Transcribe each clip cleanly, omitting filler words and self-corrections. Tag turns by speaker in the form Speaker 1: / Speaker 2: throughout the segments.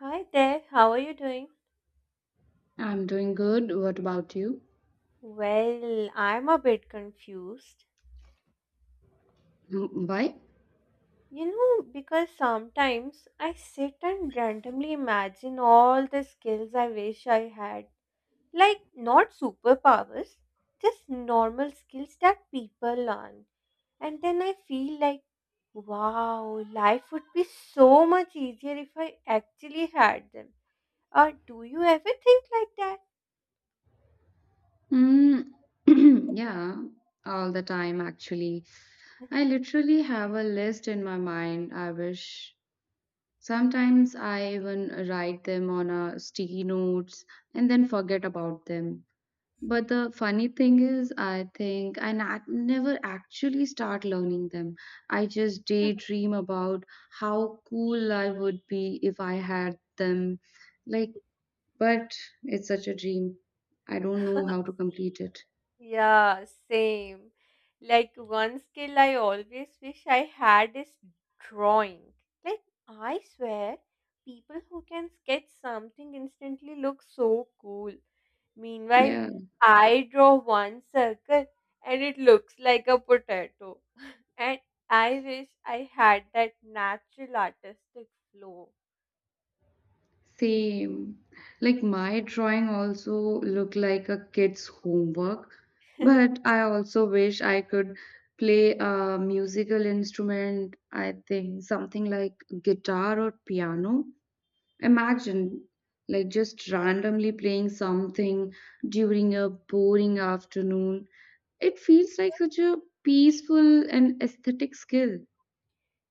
Speaker 1: Hi there, how are you doing?
Speaker 2: I'm doing good. What about you?
Speaker 1: Well, I'm a bit confused.
Speaker 2: Mm, why?
Speaker 1: You know, because sometimes I sit and randomly imagine all the skills I wish I had. Like, not superpowers, just normal skills that people learn. And then I feel like, wow, life would be so much easier if I actually had them. Or do you ever think like that?
Speaker 2: Mm, yeah, all the time actually. I literally have a list in my mind. I wish sometimes I even write them on a sticky notes and then forget about them. But the funny thing is, I think never actually start learning them. I just daydream about how cool I would be if I had them. Like, but it's such a dream. I don't know how to complete it.
Speaker 1: Yeah, same. Like one skill I always wish I had is drawing. Like I swear, people who can sketch something instantly look so cool. Meanwhile,
Speaker 2: Yeah,
Speaker 1: I draw one circle and it looks like a potato. And I wish I had that natural artistic flow.
Speaker 2: same. Like my drawing also look like a kid's homework, but I also wish I could play a musical instrument. I think something like guitar or piano. Imagine like just randomly playing something during a boring afternoon. It feels like such a peaceful and aesthetic skill.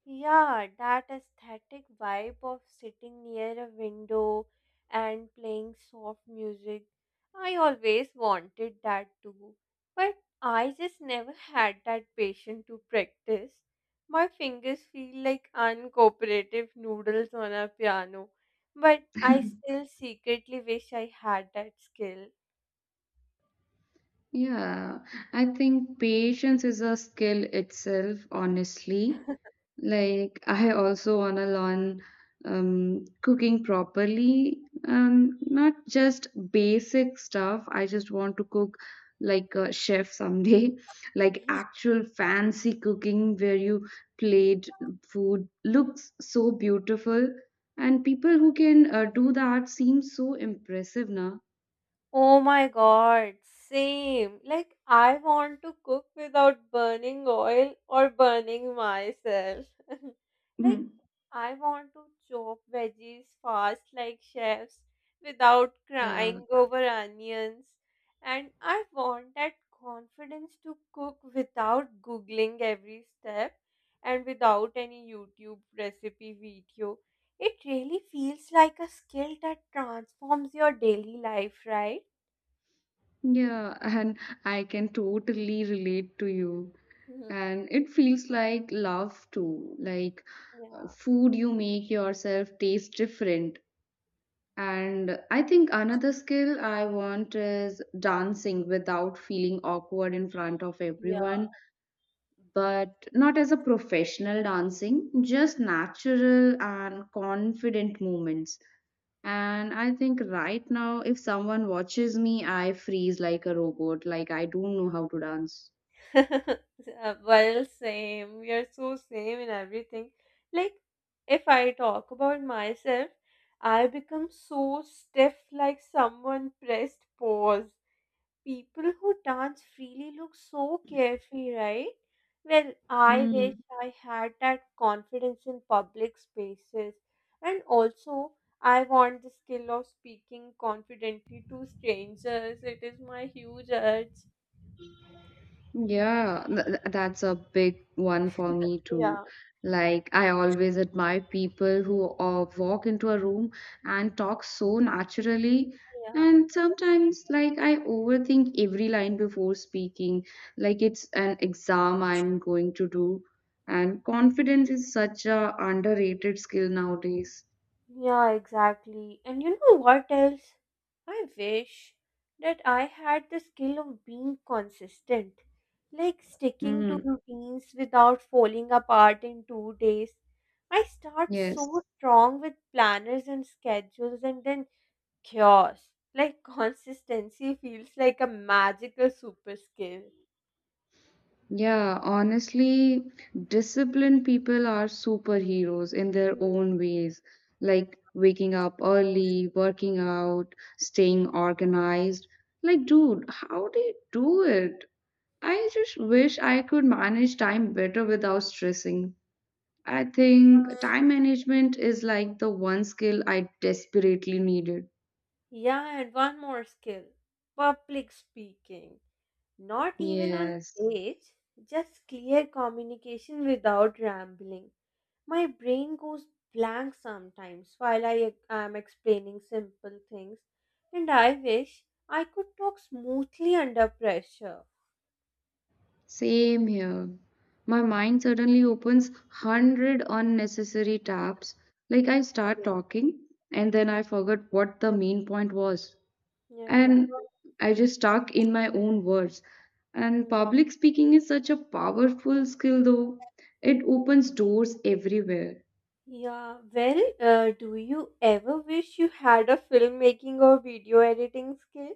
Speaker 1: Yeah, that aesthetic vibe of sitting near a window and playing soft music. I always wanted that too, but I just never had that patience to practice. My fingers feel like uncooperative noodles on a piano, but I still secretly wish I had that skill.
Speaker 2: Yeah, I think patience is a skill itself, honestly. Like, I also want to learn cooking properly, not just basic stuff. I just want to cook like a chef someday, like actual fancy cooking where you plate food looks so beautiful. And people who can do that seem so impressive now.
Speaker 1: Oh my God, same. Like, I want to cook without burning oil or burning myself. Like, I want to chop veggies fast like chefs without
Speaker 2: Yeah.
Speaker 1: crying over onions. And I want that confidence to cook without googling every step and without any YouTube recipe video. It really feels like a skill that transforms your daily life, right?
Speaker 2: Yeah, and I can totally relate to you.
Speaker 1: Mhm.
Speaker 2: And it feels like love too. Like
Speaker 1: Yeah,
Speaker 2: food you make yourself taste different. And I think another skill I want is dancing without feeling awkward in front of
Speaker 1: yeah.
Speaker 2: everyone, but not as a professional dancing, just natural and confident movements. And I think right now, if someone watches me, I freeze like a robot. Like, I don't know how to dance.
Speaker 1: Well, same. We are so same in everything. Like, if I talk about myself, I become so stiff, like someone pressed pause. People who dance freely look so carefree, right? Well, I wish
Speaker 2: Mm.
Speaker 1: I had that confidence in public spaces. And also, I want the skill of speaking confidently to strangers. It is my huge urge.
Speaker 2: Yeah, that's a big one for me too.
Speaker 1: Yeah,
Speaker 2: Like, I always admire people who walk into a room and talk so naturally.
Speaker 1: yeah,
Speaker 2: And sometimes, like, I overthink every line before speaking, like it's an exam I'm going to do. And confidence is such a underrated skill nowadays.
Speaker 1: yeah, exactly. And you know what else? I wish that I had the skill of being consistent, like sticking to
Speaker 2: Mm,
Speaker 1: routines without falling apart in 2 days. I start
Speaker 2: yes.
Speaker 1: so strong with planners and schedules, and then chaos. Like consistency feels like a magical super skill.
Speaker 2: Yeah, honestly, disciplined people are superheroes in their
Speaker 1: Hmm.
Speaker 2: own ways, like waking up early, working out, staying organized. Like, dude, how they do it? I just wish I could manage time better without stressing. I think time management is like the one skill I desperately needed.
Speaker 1: Yeah, and one more skill, public speaking. Not even on
Speaker 2: Yes.
Speaker 1: stage, just clear communication without rambling. My brain goes blank sometimes while I am explaining simple things, and I wish I could talk smoothly under pressure.
Speaker 2: Same here. My mind suddenly opens 100 unnecessary tabs. Like I start talking and then I forget what the main point was.
Speaker 1: Yeah,
Speaker 2: And
Speaker 1: exactly.
Speaker 2: I just stuck in my own words. And public speaking is such a powerful skill though. It opens doors everywhere.
Speaker 1: Yeah, well, do you ever wish you had a filmmaking or video editing skill?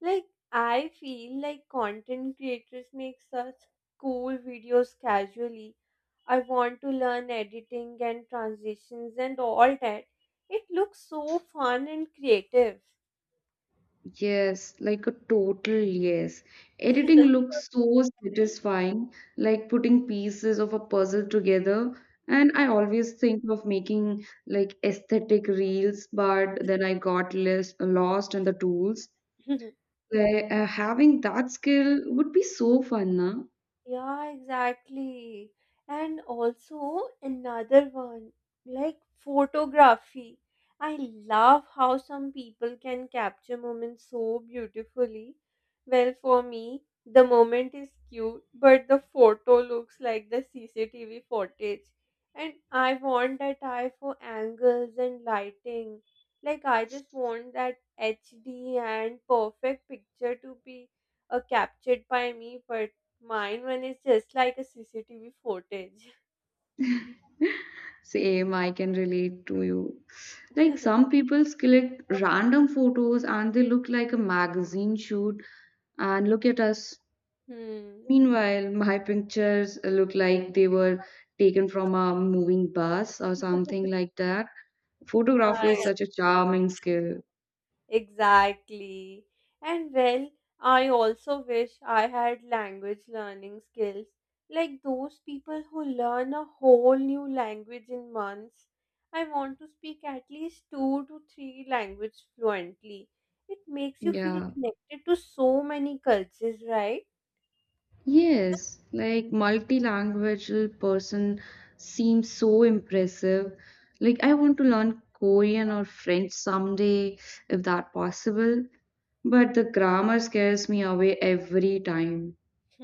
Speaker 1: Like, I feel like content creators make such cool videos casually. I want to learn editing and transitions and all that. It looks so fun and creative.
Speaker 2: Yes, like a total yes. Editing looks so satisfying, like putting pieces of a puzzle together. And I always think of making like aesthetic reels, but then I got less, lost in the tools. Like, having that skill would be so fun, na?
Speaker 1: Yeah, exactly. And also another one, like photography. I love how some people can capture moments so beautifully. Well, for me, the moment is cute, but the photo looks like the CCTV footage. And I want that eye for angles and lighting. Like, I just want that HD and perfect picture to be captured by me. Mine one is just like a CCTV footage.
Speaker 2: Same, I can relate to you. Like some people select random photos and they look like a magazine shoot and look at us.
Speaker 1: Hmm.
Speaker 2: Meanwhile, my pictures look like they were taken from a moving bus or something like that. Photography is
Speaker 1: I-
Speaker 2: such a charming skill.
Speaker 1: exactly. And well, I also wish I had language learning skills like those people who learn a whole new language in months. I want to speak at least two to three languages fluently. It makes you feel
Speaker 2: Yeah.
Speaker 1: connected to so many cultures, right?
Speaker 2: Yes, like multilingual person seems so impressive. Like I want to learn Korean or French someday if that possible, but the grammar scares me away every time.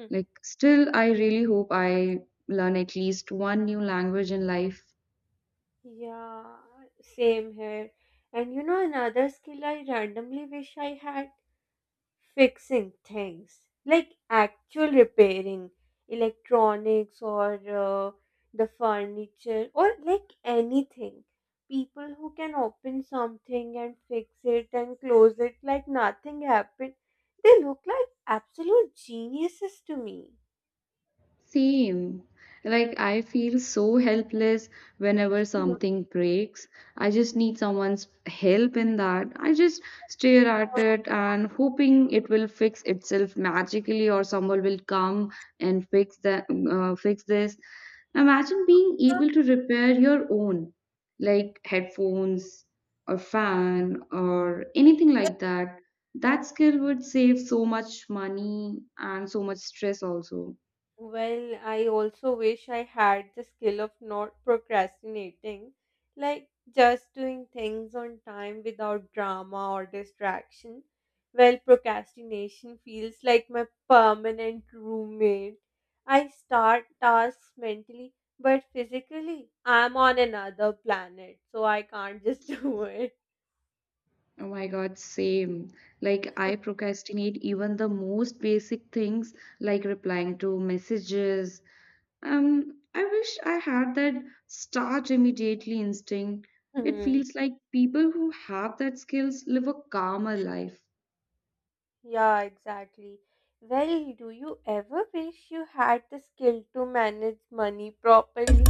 Speaker 2: Like still I really hope I learn at least one new language in life.
Speaker 1: Yeah, same here. And you know, another skill I randomly wish I had? Fixing things. Like actual repairing electronics or the furniture, or like anything. People who can open something and fix it and close it like nothing happened. They look like absolute geniuses to me.
Speaker 2: Same. Like I feel so helpless whenever something breaks. I just need someone's help in that. I just stare at it and hoping it will fix itself magically or someone will come and fix this. Imagine being able to repair your own, like headphones or fan or anything like that. That skill would save so much money and so much stress also.
Speaker 1: Well, I also wish I had the skill of not procrastinating, like just doing things on time without drama or distraction. Well, procrastination feels like my permanent roommate. I start tasks mentally, but physically, I'm on another planet, so I can't just do it.
Speaker 2: Oh my God, same. Like, I procrastinate even the most basic things like replying to messages. I wish I had that start immediately instinct. It feels like people who have that skills live a calmer life.
Speaker 1: Yeah, exactly. Well, do you ever wish you had the skill to manage money properly?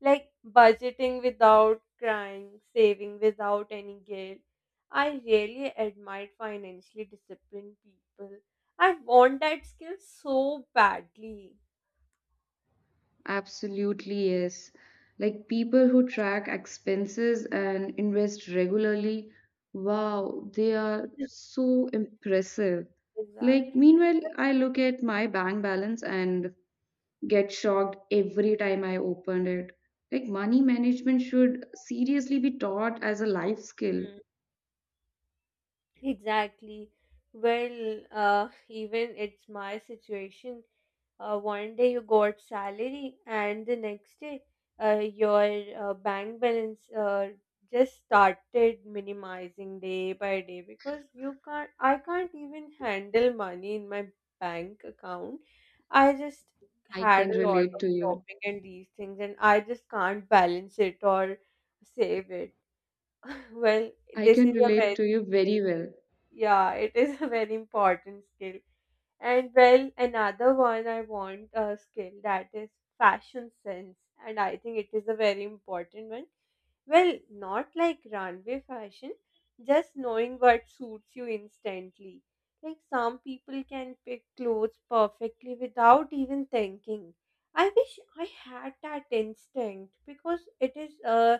Speaker 1: Like budgeting without crying, saving without any guilt. I really admire financially disciplined people. I want that skill so badly.
Speaker 2: Absolutely, yes. Like people who track expenses and invest regularly. Wow, they are so impressive. Like,
Speaker 1: Exactly.
Speaker 2: meanwhile, I look at my bank balance and get shocked every time I opened it. Like money management should seriously be taught as a life skill.
Speaker 1: Mm. Exactly. Well, even it's my situation. One day you got salary, and the next day your bank balance just started minimizing day by day, because you can't, I can't even handle money in my bank account. I just
Speaker 2: I
Speaker 1: had
Speaker 2: can
Speaker 1: a lot
Speaker 2: relate
Speaker 1: of
Speaker 2: to you.
Speaker 1: shopping and these things, and I just can't balance it or save it. Well,
Speaker 2: I
Speaker 1: this
Speaker 2: can
Speaker 1: is a very
Speaker 2: relate to you very well.
Speaker 1: yeah, it is a very important skill. And well, another one I want, a skill that is fashion sense, and I think it is a very important one. Well, not like runway fashion, just knowing what suits you instantly. Like some people can pick clothes perfectly without even thinking. I wish I had that instinct because it is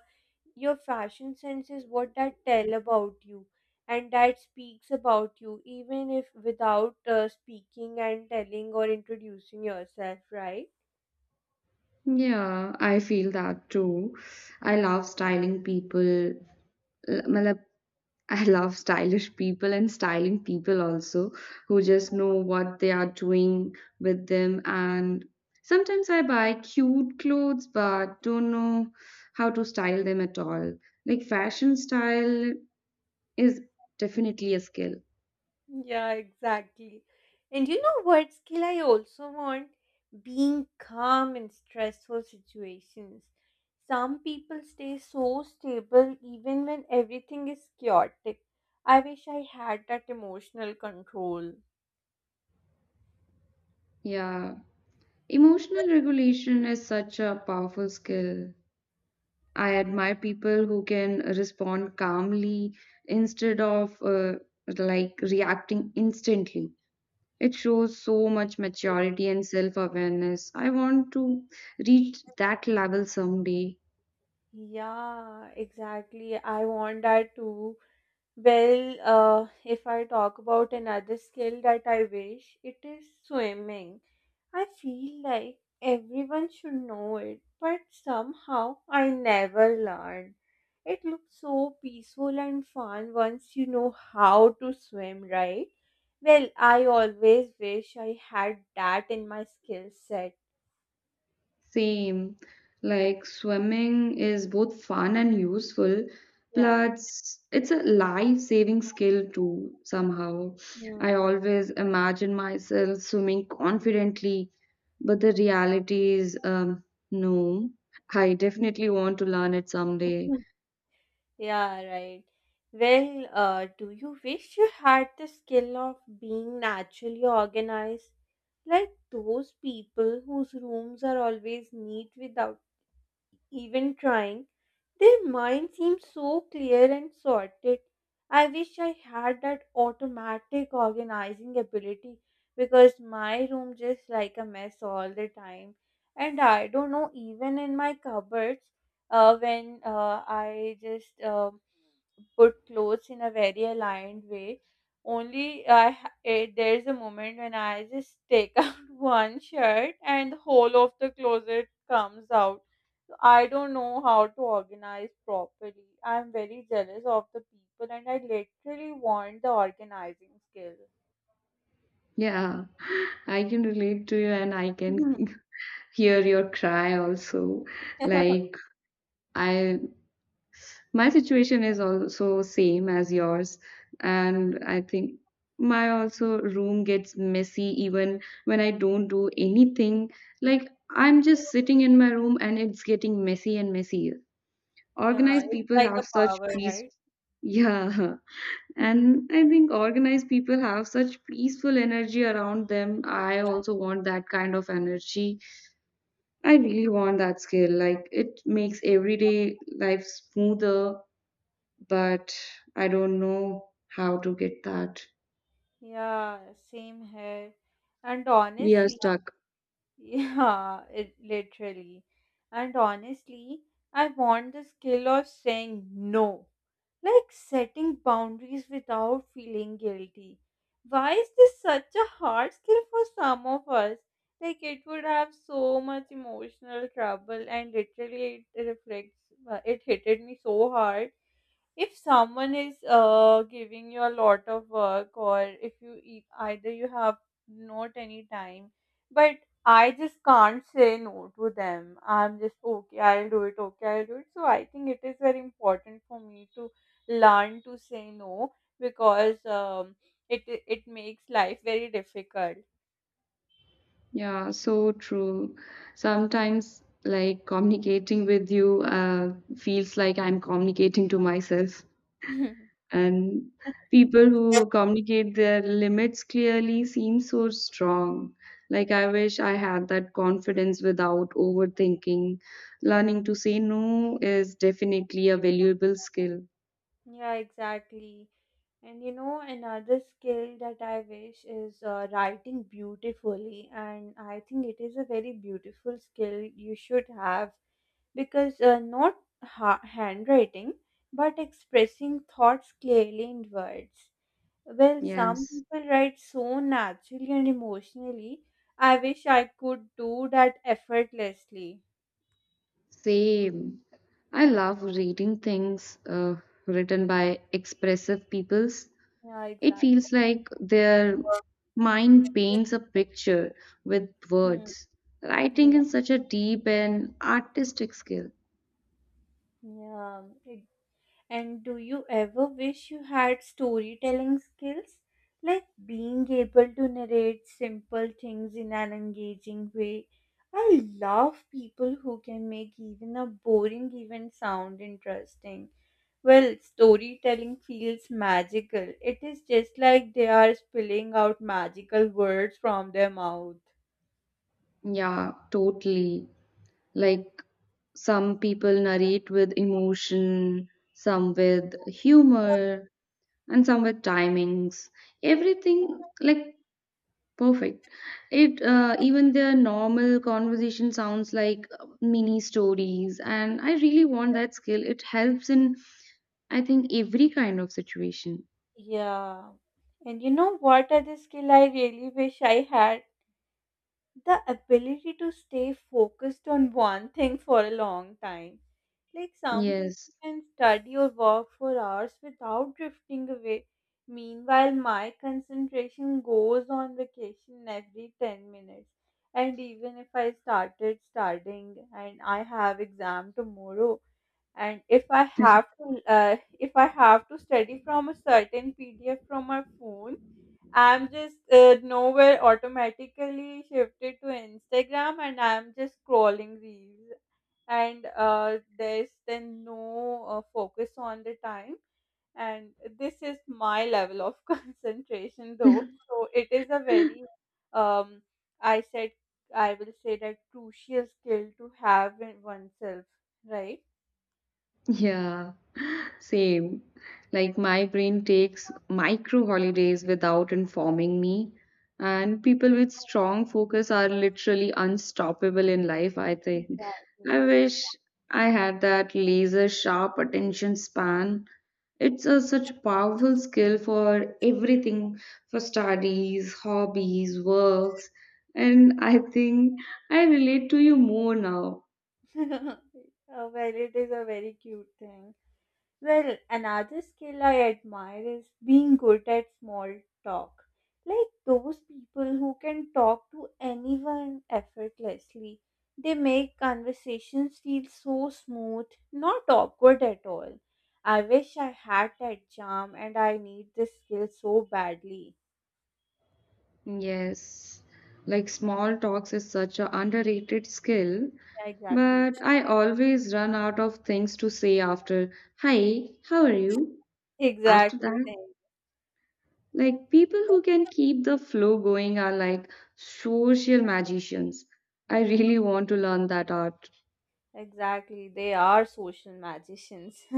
Speaker 1: your fashion sense is what that tell about you, and that speaks about you even if without speaking and telling or introducing yourself, right?
Speaker 2: Yeah, I feel that too. I love styling people. L- मतलब I love stylish people and styling people also who just know what they are doing with them. And sometimes I buy cute clothes but don't know how to style them at all. Like fashion style is definitely a skill.
Speaker 1: Yeah, exactly. And you know what skill I also want, being calm in stressful situations. Some people stay so stable even when everything is chaotic. I wish I had that emotional control.
Speaker 2: Yeah. Emotional regulation is such a powerful skill. I admire people who can respond calmly instead of like reacting instantly. It shows so much maturity and self awareness. I want to reach that level someday.
Speaker 1: Yeah, exactly. I want that too. Well, if I talk about another skill that I wish, it is swimming. I feel like everyone should know it, but somehow I never learned. It looks so peaceful and fun once you know how to swim, right? Well, I always wish I had that in my skill set.
Speaker 2: Same. Like swimming is both fun and useful,
Speaker 1: Yeah.
Speaker 2: plus, it's a life saving skill too, somehow. I
Speaker 1: Hmm.
Speaker 2: always imagine myself swimming confidently, but the reality is no. I definitely want to learn it someday.
Speaker 1: Yeah, right. Well, do you wish you had the skill of being naturally organized? Like those people whose rooms are always neat without even trying. Their mind seems so clear and sorted. I wish I had that automatic organizing ability, because my room just like a mess all the time. And I don't know, even in my cupboards, when I just put clothes in a very aligned way. Only there's a moment when I just take out one shirt and the whole of the closet comes out, so I don't know how to organize properly. I'm very jealous of the people, and I literally want the organizing skill.
Speaker 2: Yeah, I can relate to you and I can hear your cry also. Like, I my situation is also same as yours, and I think my also room gets messy even when I don't do anything. Like I'm just sitting in my room and it's getting messy and messier.
Speaker 1: Yeah,
Speaker 2: Organized
Speaker 1: it's
Speaker 2: people
Speaker 1: like a
Speaker 2: have such
Speaker 1: power,
Speaker 2: peace,
Speaker 1: right?
Speaker 2: yeah. And I think organized people have such peaceful energy around them. I also want that kind of energy. I really want that skill. Like it makes everyday life smoother, but I don't know how to get that.
Speaker 1: Yeah, same here. And
Speaker 2: We are
Speaker 1: honestly,
Speaker 2: stuck.
Speaker 1: yeah, it literally. And honestly, I want the skill of saying no, like setting boundaries without feeling guilty. Why is this such a hard skill for some of us? Like it would have so much emotional trouble, and literally it reflects. It hit me so hard if someone is giving you a lot of work, or if either you have not any time. But I just can't say no to them. I'm just, okay, I'll do it, okay, I'll do it. So I think it is very important for me to learn to say no, because it makes life very difficult.
Speaker 2: Yeah, so true. Sometimes, like communicating with you feels like I'm communicating to myself. And people who communicate their limits clearly seem so strong. Like, I wish I had that confidence without overthinking. Learning to say no is definitely a valuable skill.
Speaker 1: Yeah, exactly. And you know, another skill that I wish is writing beautifully. And I think it is a very beautiful skill you should have, because not handwriting, but expressing thoughts clearly in words. Well, some
Speaker 2: Yes,
Speaker 1: people write so naturally and emotionally. I wish I could do that effortlessly.
Speaker 2: same. I love reading things written by expressive peoples.
Speaker 1: Yeah,
Speaker 2: It
Speaker 1: exactly.
Speaker 2: feels like their mind paints a picture with
Speaker 1: Hmm.
Speaker 2: words. Writing is such a deep and artistic skill.
Speaker 1: Yeah, yeah. And do you ever wish you had storytelling skills? Like being able to narrate simple things in an engaging way. I love people who can make even a boring event sound interesting. Well, storytelling feels magical. It is just like they are spilling out magical words from their mouth.
Speaker 2: Yeah, totally. Like some people narrate with emotion, some with humor, and some with timings. Everything like perfect. It even their normal conversation sounds like mini stories, and I really want that skill. It helps in, I think, every kind of situation.
Speaker 1: Yeah. And you know what other skill I really wish I had? The ability to stay focused on one thing for a long time. Like some people
Speaker 2: Yes.
Speaker 1: can study or work for hours without drifting away. Meanwhile, my concentration goes on vacation every 10 minutes. And even if I started studying and I have exam tomorrow, and if I have to study from a certain PDF from my phone, I'm just nowhere automatically shifted to Instagram, and I'm just scrolling reels, and there's then no focus on the time. And this is my level of concentration, though. So it is a very um I said I will say that crucial skill to have in oneself, right?
Speaker 2: Yeah. Same. Like my brain takes micro holidays without informing me. And people with strong focus are literally unstoppable in life, I think.
Speaker 1: Exactly.
Speaker 2: I wish I had that laser sharp attention span. It's a, such a powerful skill for everything, for studies, hobbies, works. And I think I relate to you more now.
Speaker 1: Well, it is a very cute thing. Well, another skill I admire is being good at small talk. Like those people who can talk to anyone effortlessly. They make conversations feel so smooth, not awkward at all. I wish I had that charm, and I need this skill so badly.
Speaker 2: Yes, like small talks is such an underrated skill,
Speaker 1: Yeah, exactly.
Speaker 2: but I always run out of things to say after, hi, how are you? After
Speaker 1: Exactly.
Speaker 2: that,
Speaker 1: Same.
Speaker 2: like people who can keep the flow going are like social magicians. I
Speaker 1: Hmm,
Speaker 2: really want to learn that art.
Speaker 1: exactly. They are social magicians.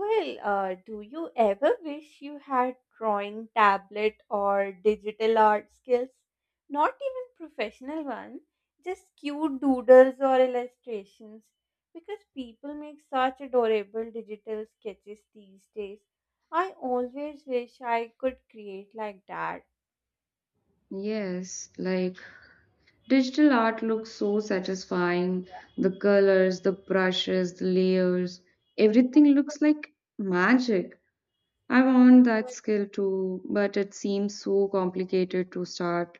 Speaker 1: Well, do you ever wish you had drawing tablet or digital art skills? Not even professional one, just cute doodles or illustrations. Because people make such adorable digital sketches these days. I always wish I could create like that.
Speaker 2: Yes, like digital art looks so satisfying. The colors, the brushes, the layers, everything looks like magic. I want that skill too, but it seems so complicated to start.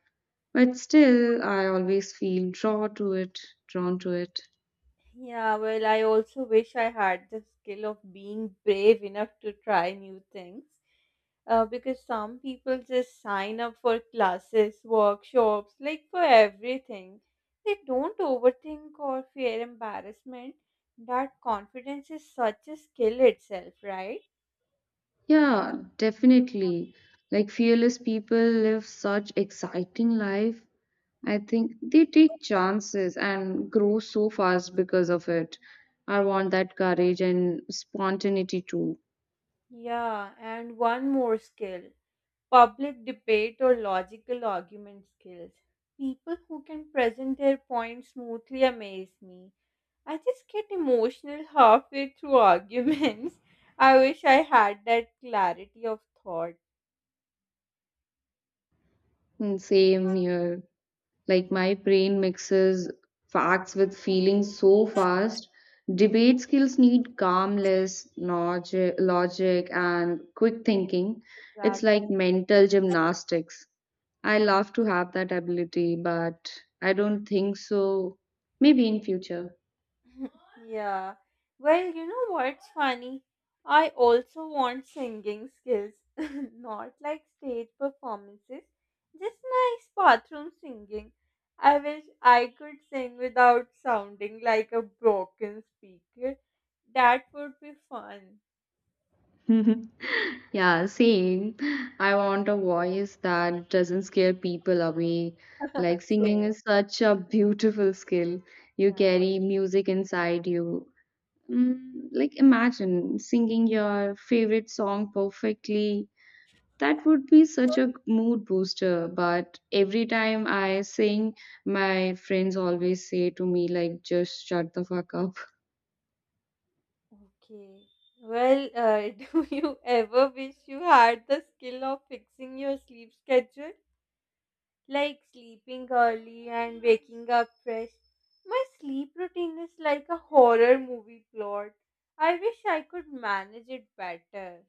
Speaker 2: But still, I always feel drawn to it, drawn to it.
Speaker 1: Yeah, well, I also wish I had the skill of being brave enough to try new things. Because some people just sign up for classes, workshops, like for everything. They don't overthink or fear embarrassment. That confidence is such a skill itself, right?
Speaker 2: Yeah, definitely. Like fearless people live such exciting life. I think they take chances and grow so fast because of it. I want that courage and spontaneity too.
Speaker 1: Yeah, and one more skill, public debate or logical argument skills. People who can present their points smoothly amaze me. I just get emotional halfway through arguments. I wish I had that clarity of thought.
Speaker 2: Mm, same here. Like my brain mixes facts with feelings so fast. Debate skills need calmness, logic and quick thinking. It's
Speaker 1: Exactly.
Speaker 2: like mental gymnastics. I love to have that ability, but I don't think so. Maybe in future.
Speaker 1: Yeah. Well, you know what's funny? I also want singing skills. Not like stage performances, just nice bathroom singing. I wish I could sing without sounding like a broken speaker. That would be fun.
Speaker 2: Mhm. Yeah, same. I want a voice that doesn't scare people away. Like singing
Speaker 1: Same.
Speaker 2: is such a beautiful skill. You
Speaker 1: Yeah.
Speaker 2: carry music inside you. Mm, like imagine singing your favorite song perfectly. That would be such a mood booster. But every time I sing, my friends always say to me like, just shut the fuck up.
Speaker 1: Okay. Well, do you ever wish you had the skill of fixing your sleep schedule? Like sleeping early and waking up fresh? My sleep routine is like a horror movie plot. I wish I could manage it better.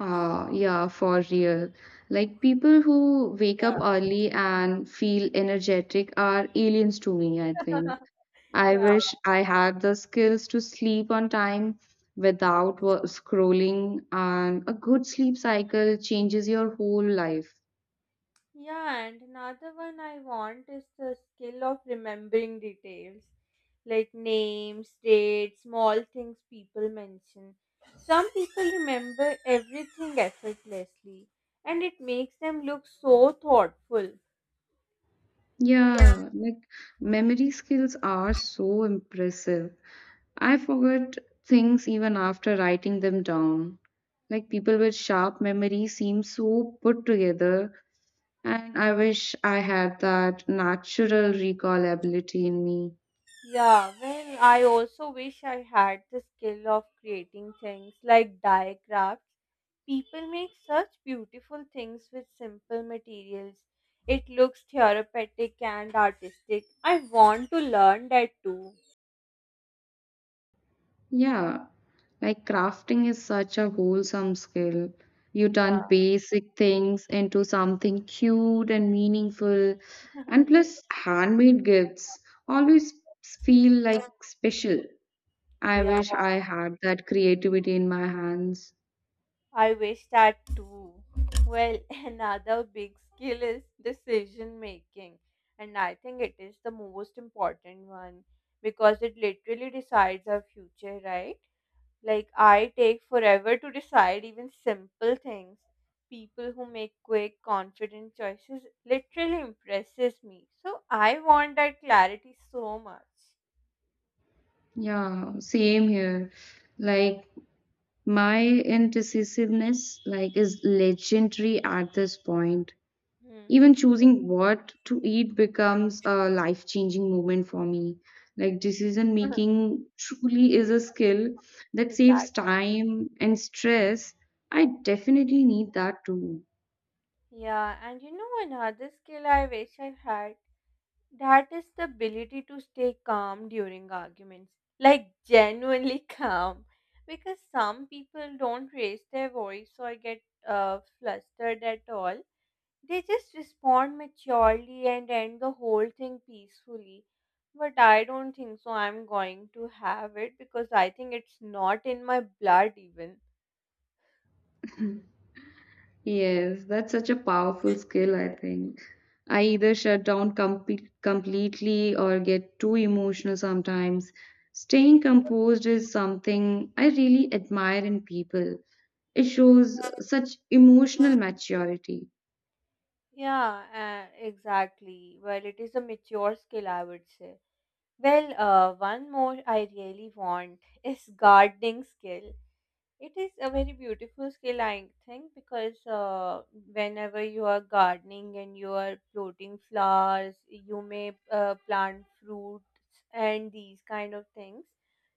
Speaker 2: Yeah, for real. Like people who wake
Speaker 1: Yeah.
Speaker 2: up early and feel energetic are aliens to me, I think. I
Speaker 1: Yeah.
Speaker 2: wish I had the skills to sleep on time without scrolling, and a good sleep cycle changes your whole life.
Speaker 1: Yeah, and another one I want is the skill of remembering details, like names, dates, small things people mention. Some people remember everything effortlessly, and it makes them look so thoughtful.
Speaker 2: Yeah, like memory skills are so impressive. I forget things even after writing them down. Like people with sharp memory seem so put together. And I wish I had that natural recall ability in me.
Speaker 1: Yeah, well, I also wish I had the skill of creating things like diagrams. People make such beautiful things with simple materials. It looks therapeutic and artistic. I want to learn that too.
Speaker 2: Yeah, like crafting is such a wholesome skill. You
Speaker 1: Yeah,
Speaker 2: turn basic things into something cute and meaningful, and
Speaker 1: yes.
Speaker 2: plus, handmade gifts always feel like special. I
Speaker 1: Yeah.
Speaker 2: wish I had that creativity in my hands.
Speaker 1: I wish that too. Well, another big skill is decision making, and I think it is the most important one because it literally decides our future, right? Like, I take forever to decide even simple things. People who make quick, confident choices literally impresses me. So I want that clarity so much.
Speaker 2: Yeah, same here. Like, my indecisiveness like is legendary at this point.
Speaker 1: Hmm.
Speaker 2: Even choosing what to eat becomes a life changing moment for me. Like, decision making truly is a skill that
Speaker 1: Exactly.
Speaker 2: saves time and stress. I definitely need that too.
Speaker 1: Yeah, and you know another skill I wish I had. That is the ability to stay calm during arguments, like genuinely calm, because some people don't raise their voice or get flustered at all. They just respond maturely and end the whole thing peacefully. But I don't think so. I'm going to have it because I think it's not in my blood, even.
Speaker 2: Yes, that's such a powerful skill, I think. I either shut down completely or get too emotional sometimes. Staying composed is something I really admire in people. It shows such emotional maturity.
Speaker 1: Yeah, exactly. Well, it is a mature skill, I would say. Well, one more I really want is gardening skill. It is a very beautiful skill, I think, because whenever you are gardening and you are plotting flowers, you may plant fruits and these kind of things.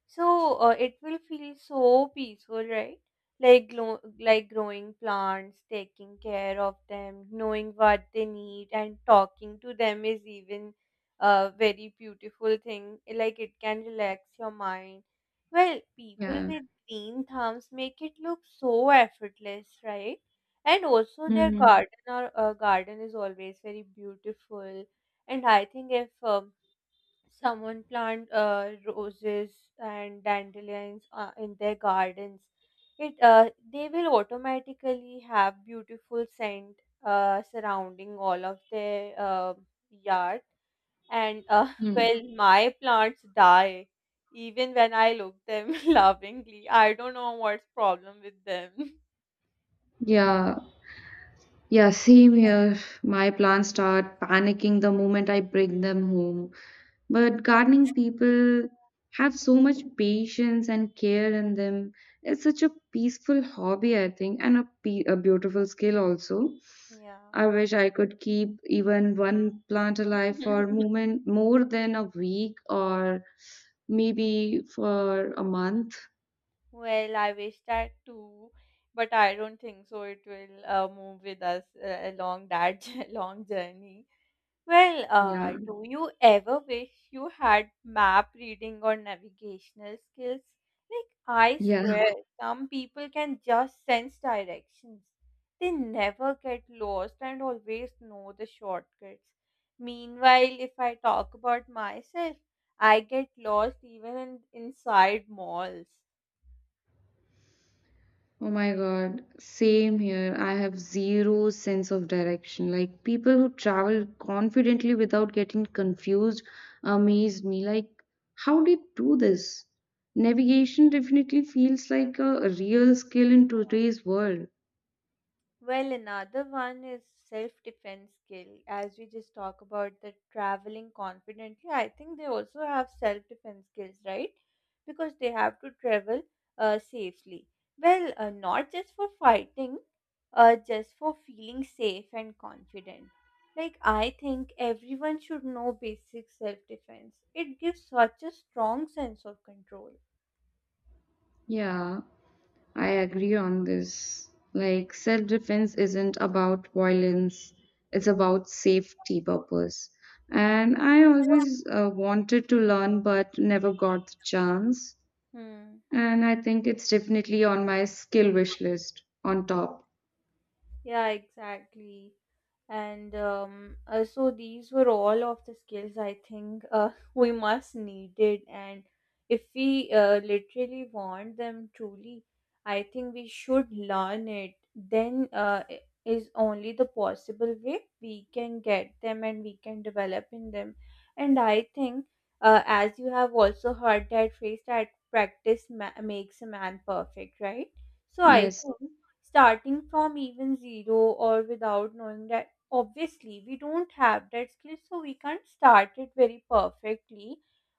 Speaker 1: So it will feel so peaceful, right? Like like growing plants, taking care of them, knowing what they need, and talking to them is even a very beautiful thing. Like it can relax your mind. Well, people
Speaker 2: Yeah.
Speaker 1: with green thumbs make it look so effortless, right? And also their
Speaker 2: Mm,
Speaker 1: garden or garden is always very beautiful. And I think if someone plant roses and dandelions in their gardens, it they will automatically have beautiful scent surrounding all of their yard and
Speaker 2: mm.
Speaker 1: well, my plants die even when I look them lovingly. I don't know what's problem with them.
Speaker 2: Yeah, yeah, same here. My plants start panicking the moment I bring them home. But gardening people have so much patience and care in them. It's such a peaceful hobby, I think, and a beautiful skill also.
Speaker 1: Yeah.
Speaker 2: I wish I could keep even one plant alive for moment more than a week or maybe for a month.
Speaker 1: Well, I wish that too, but I don't think so. It will move with us along that long journey. Well,
Speaker 2: Yeah,
Speaker 1: do you ever wish you had map reading or navigational skills? Like, I
Speaker 2: yeah.
Speaker 1: swear, some people can just sense directions. They never get lost and always know the shortcuts. Meanwhile, if I talk about myself, I get lost even inside malls.
Speaker 2: Oh my God, same here. I have zero sense of direction. Like people who travel confidently without getting confused amaze me. Like, how did do this? Navigation definitely feels like a real skill in today's world.
Speaker 1: Well, another one is self-defense skill. As we just talk about the traveling confidently, I think they also have self-defense skills, right? Because they have to travel safely. Well, not just for fighting, just for feeling safe and confident. Like I think everyone should know basic self-defense. It gives such a strong sense of control.
Speaker 2: Yeah, I agree on this. Like, self defense isn't about violence, it's about safety purpose. And I always wanted to learn but never got the chance.
Speaker 1: Hmm.
Speaker 2: And I think it's definitely on my skill wish list on top.
Speaker 1: Yeah, exactly. And so these were all of the skills I think we must needed. And if we literally want them truly, I think we should learn it. Then is only the possible way we can get them and we can develop in them. And I think, as you have also heard that phrase that makes a man perfect, right? So I
Speaker 2: Yes.
Speaker 1: think starting from even zero or without knowing that obviously we don't have that skill so we can't start it very perfectly,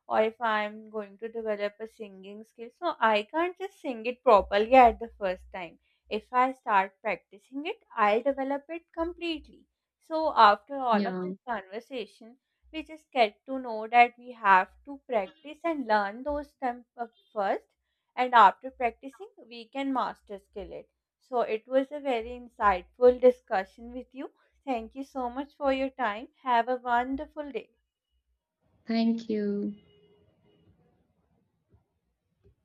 Speaker 1: or if I'm going to develop a singing skill so I can't just sing it properly at the first time. If I start practicing it, I'll develop it completely. So after all of
Speaker 2: Yeah.
Speaker 1: this conversation, we just get to know that we have to practice and learn those steps up first, and after practicing we can master skill it. So it was a very insightful discussion with you. Thank you so much for your time. Have a wonderful day.
Speaker 2: Thank you.